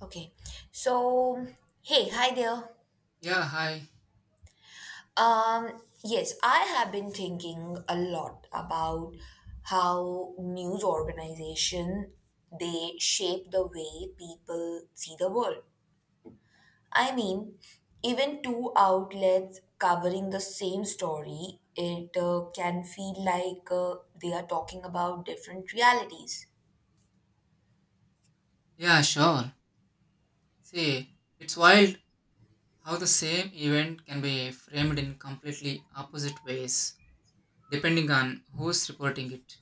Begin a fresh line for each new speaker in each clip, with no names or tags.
Okay. So, hey, hi there.
Yeah, hi.
Yes, I have been thinking a lot about how news organization they shape the way people see the world. I mean, even two outlets covering the same story, it can feel like they are talking about different realities.
Yeah, sure. See, it's wild how the same event can be framed in completely opposite ways depending on who's reporting it.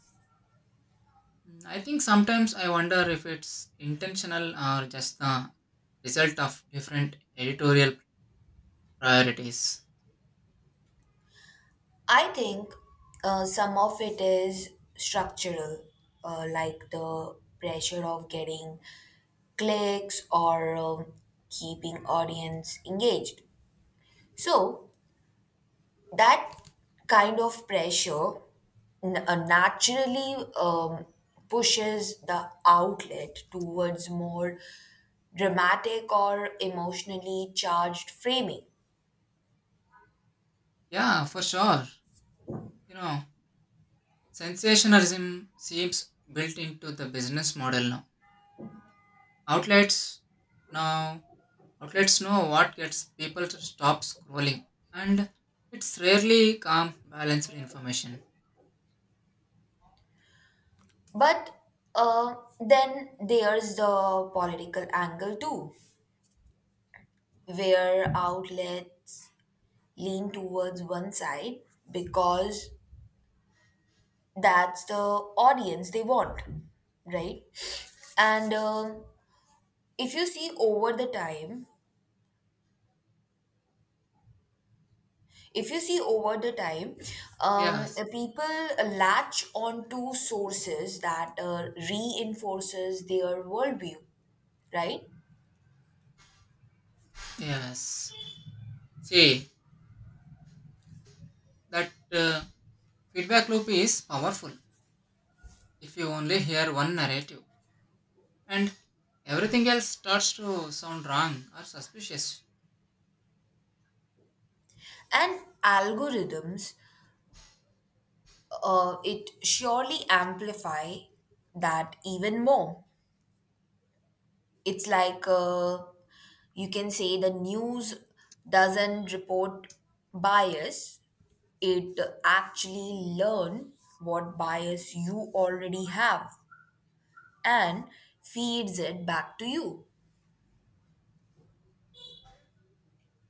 I think sometimes I wonder if it's intentional or just the result of different editorial priorities.
I think some of it is structural, like the pressure of getting clicks or keeping audience engaged. So that kind of pressure naturally pushes the outlet towards more dramatic or emotionally charged framing.
Yeah, for sure. You know, sensationalism seems built into the business model now. Outlets now Outlets know what gets people to stop scrolling, and it's rarely calm, balanced information.
But then there's the political angle too where outlets lean towards one side because that's the audience they want, right? And if you see over the time, if you see over the time,
Yes,
people latch onto sources that reinforces their worldview, right?
yes. See, that feedback loop is powerful if you only hear one narrative, and everything else starts to sound wrong or suspicious.
And algorithms, it surely amplify that even more. It's like you can say the news doesn't report bias, it actually learn what bias you already have and feeds it back to you.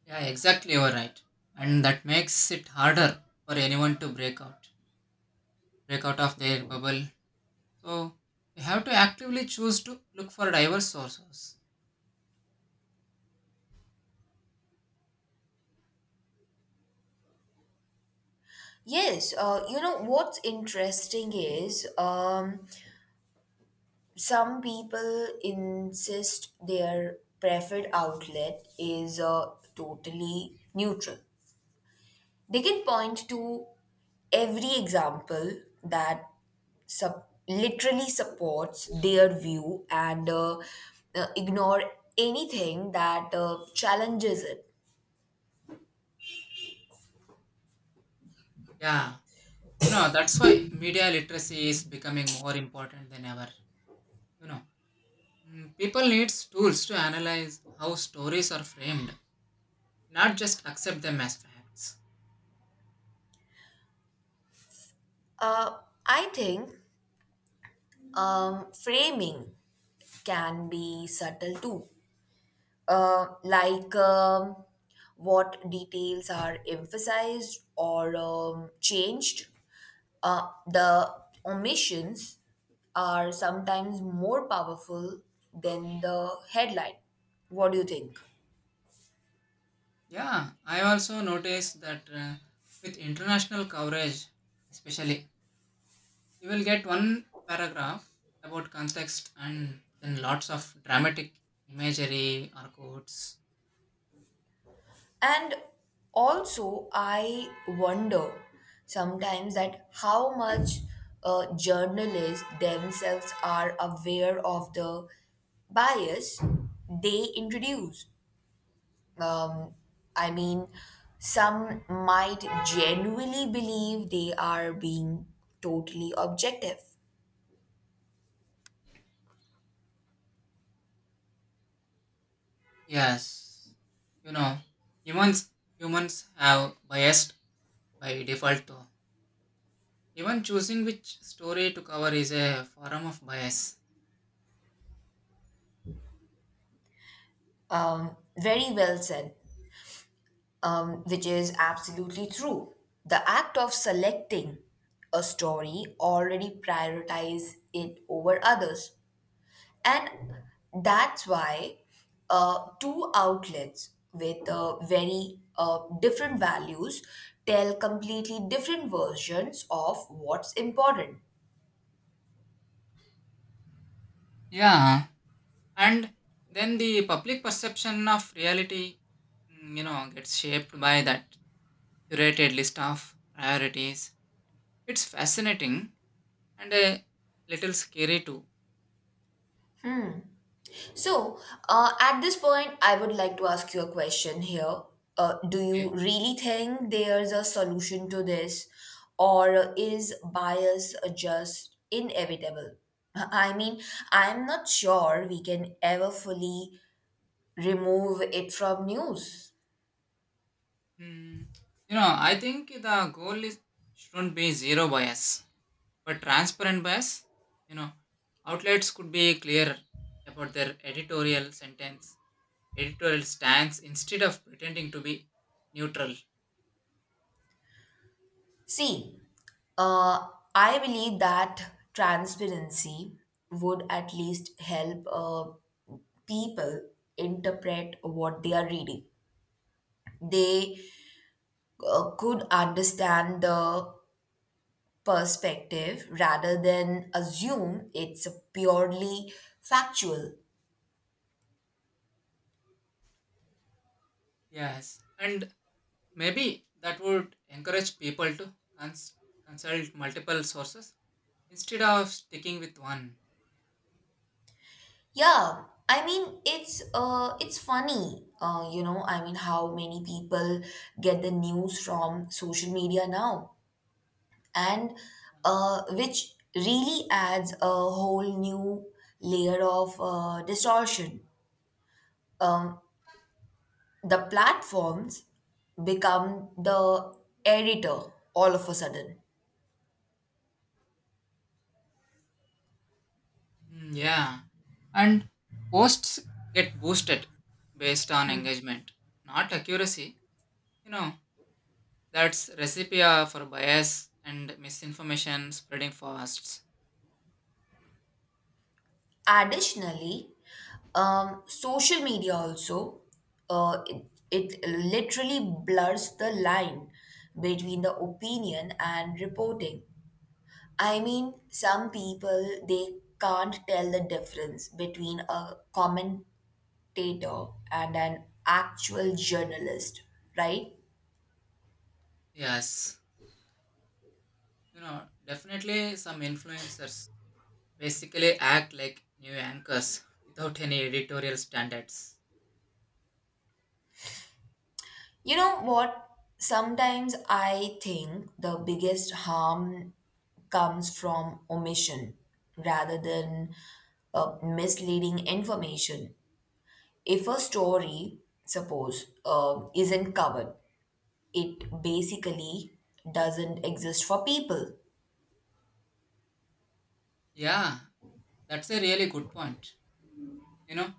Yeah, exactly, you are right. And that makes it harder for anyone to break out of their bubble. So, we have to actively choose to look for diverse sources.
Yes, you know what's interesting is, some people insist their preferred outlet is totally neutral. They can point to every example that literally supports their view and ignore anything that challenges it.
Yeah, you know that's why media literacy is becoming more important than ever. You know, people needs tools to analyze how stories are framed, not just accept them as facts.
Uh, I think framing can be subtle too, like what details are emphasized or changed. The omissions are sometimes more powerful than the headline. What do you think?
Yeah, I also noticed that, with international coverage especially, you will get one paragraph about context and then lots of dramatic imagery or quotes.
And also, I wonder sometimes that how much journalists themselves are aware of the bias they introduce. Um, I mean, some might genuinely believe they are being totally objective.
Yes, you know, humans humans have biased by default though. Even choosing which story to cover is a form of bias.
Very well said. Which is absolutely true. The act of selecting a story already prioritize it over others. And that's why two outlets with very different values tell completely different versions of what's important.
Yeah, and then the public perception of reality, mm, you know, gets shaped by that curated list of priorities. It's fascinating and a little scary too.
So, at this point, I would like to ask you a question here. Do you
Okay.
really think there's a solution to this, or is bias just inevitable? I mean, I'm not sure we can ever fully remove it from news.
Mm, you know, I think the goal is shouldn't be zero bias, but transparent bias. You know, outlets could be clear about their editorial stance instead of pretending to be neutral.
See, uh, I believe that transparency would at least help people interpret what they are reading. They could understand the perspective rather than assume it's purely factual.
Yes, and maybe that would encourage people to consult multiple sources instead of sticking with one.
Yeah, I mean it's funny. You know, I mean how many people get the news from social media now and which really adds a whole new layer of distortion. The platforms become the editor all of a sudden.
Mm, yeah, and posts get boosted based on engagement, not accuracy. You know, that's recipe for bias and misinformation spreading fast.
Additionally, social media also uh, it, it literally blurs the line between the opinion and reporting. I mean, some people they can't tell the difference between a commentator and an actual journalist, right?
Yes, you know, definitely some influencers basically act like new anchors without any editorial standards.
You know what? Sometimes I think the biggest harm comes from omission rather than misleading information. If a story, suppose, isn't covered, it basically doesn't exist for people.
Yeah, that's a really good point. You know,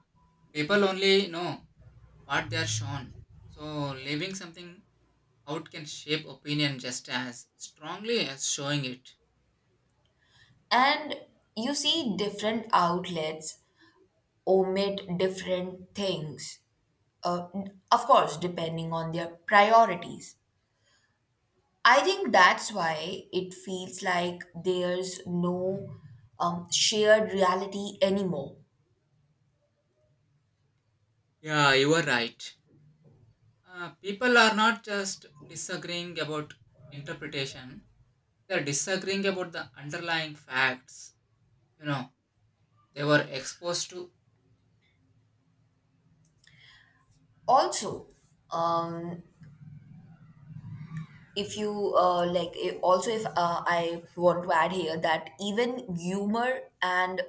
people only know what they are shown. So, leaving something out can shape opinion just as strongly as showing it.
And you see, different outlets omit different things, uh, of course, depending on their priorities. I think that's why it feels like there's no shared reality anymore.
Yeah, you are right. People are not just disagreeing about interpretation, they're disagreeing about the underlying facts. You know, they were exposed to.
Also, um, if you like, I- also if I want to add here that even humor and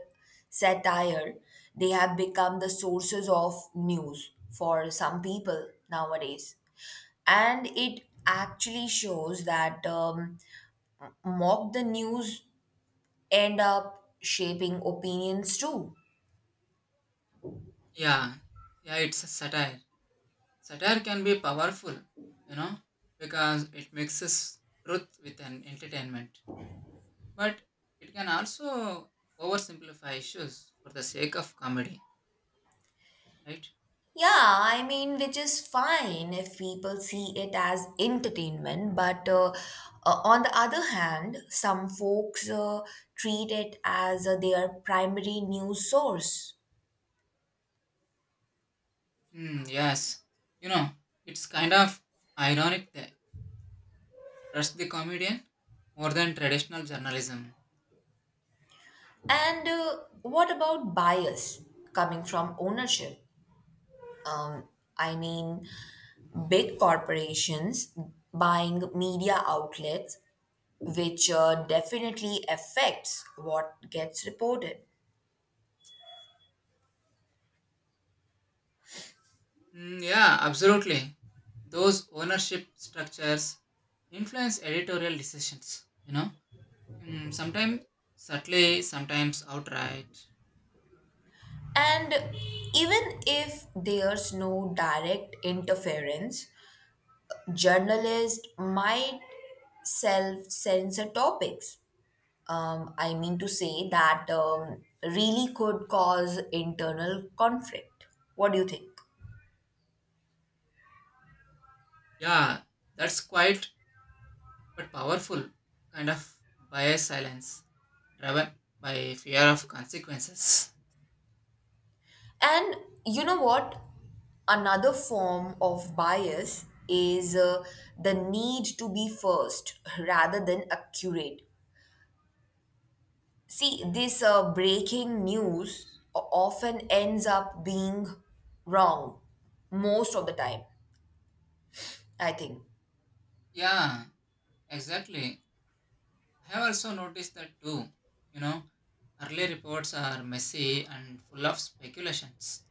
satire, they have become the sources of news for some people nowadays, and it actually shows that mock the news end up shaping opinions too.
Yeah, yeah, it's a satire. Can be powerful, you know, because it mixes truth with an entertainment, but it can also oversimplify issues for the sake of comedy, right?
Yeah, I mean, which is fine if people see it as entertainment, but on the other hand, some folks treat it as their primary news source.
Hmm. Yes, you know, it's kind of ironic that trust the comedian more than traditional journalism.
And what about bias coming from ownership? Um, I mean, big corporations buying media outlets, which definitely affects what gets reported.
Hmm. Yeah, absolutely, those ownership structures influence editorial decisions, you know. Hmm. Sometimes subtly, sometimes outright.
And even if there's no direct interference, journalists might self censor topics. I mean to say that really could cause internal conflict. What do you think?
Yeah, that's quiet but powerful, kind of bias silence driven by fear of consequences.
And you know what? Another form of bias is the need to be first rather than accurate. See, this breaking news often ends up being wrong most of the time, I think.
Yeah, exactly. I have also noticed that too. You know, early reports are messy and full of speculations.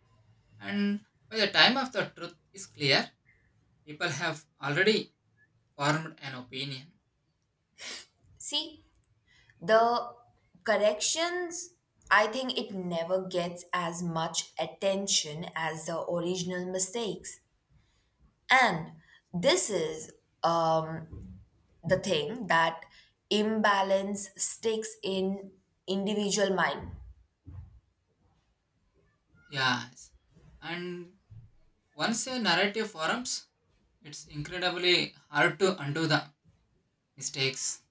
And by the time of the truth is clear, people have already formed an opinion.
See, the corrections, I think it never gets as much attention as the original mistakes. And this is um, the thing that imbalance sticks in individual mind.
Yes. And once a narrative forms, it's incredibly hard to undo the mistakes.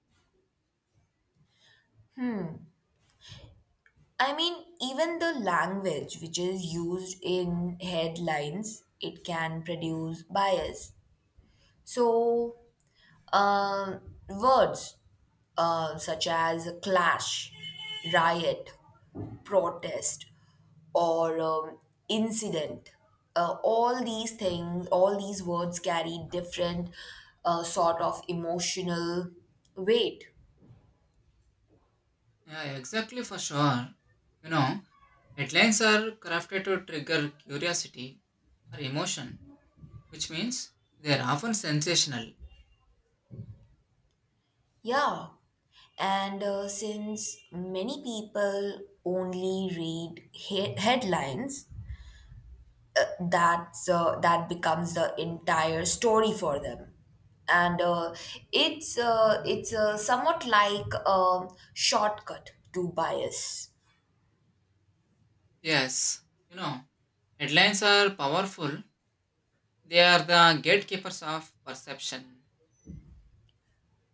I mean, even the language which is used in headlines, it can produce bias. So, words such as clash, riot, protest, or incident, all these things, all these words carry different sort of emotional weight.
Yeah, exactly for sure. You know, headlines are crafted to trigger curiosity or emotion, which means they are often sensational.
Yeah, and since many people only read headlines, that's that becomes the entire story for them, and it's somewhat like a shortcut to bias.
Yes, you know, headlines are powerful. They are the gatekeepers of perception.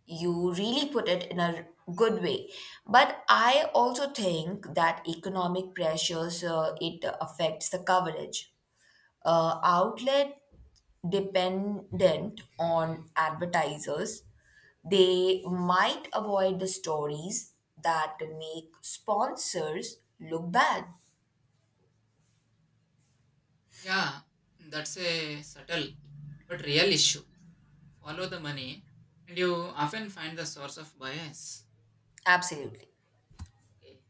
You really put it in a good way, but I also think that economic pressures it affects the coverage. Outlet dependent on advertisers, they might avoid the stories that make sponsors look bad.
Yeah, that's a subtle but real issue. Follow the money and you often find the source of bias.
Absolutely.
Okay.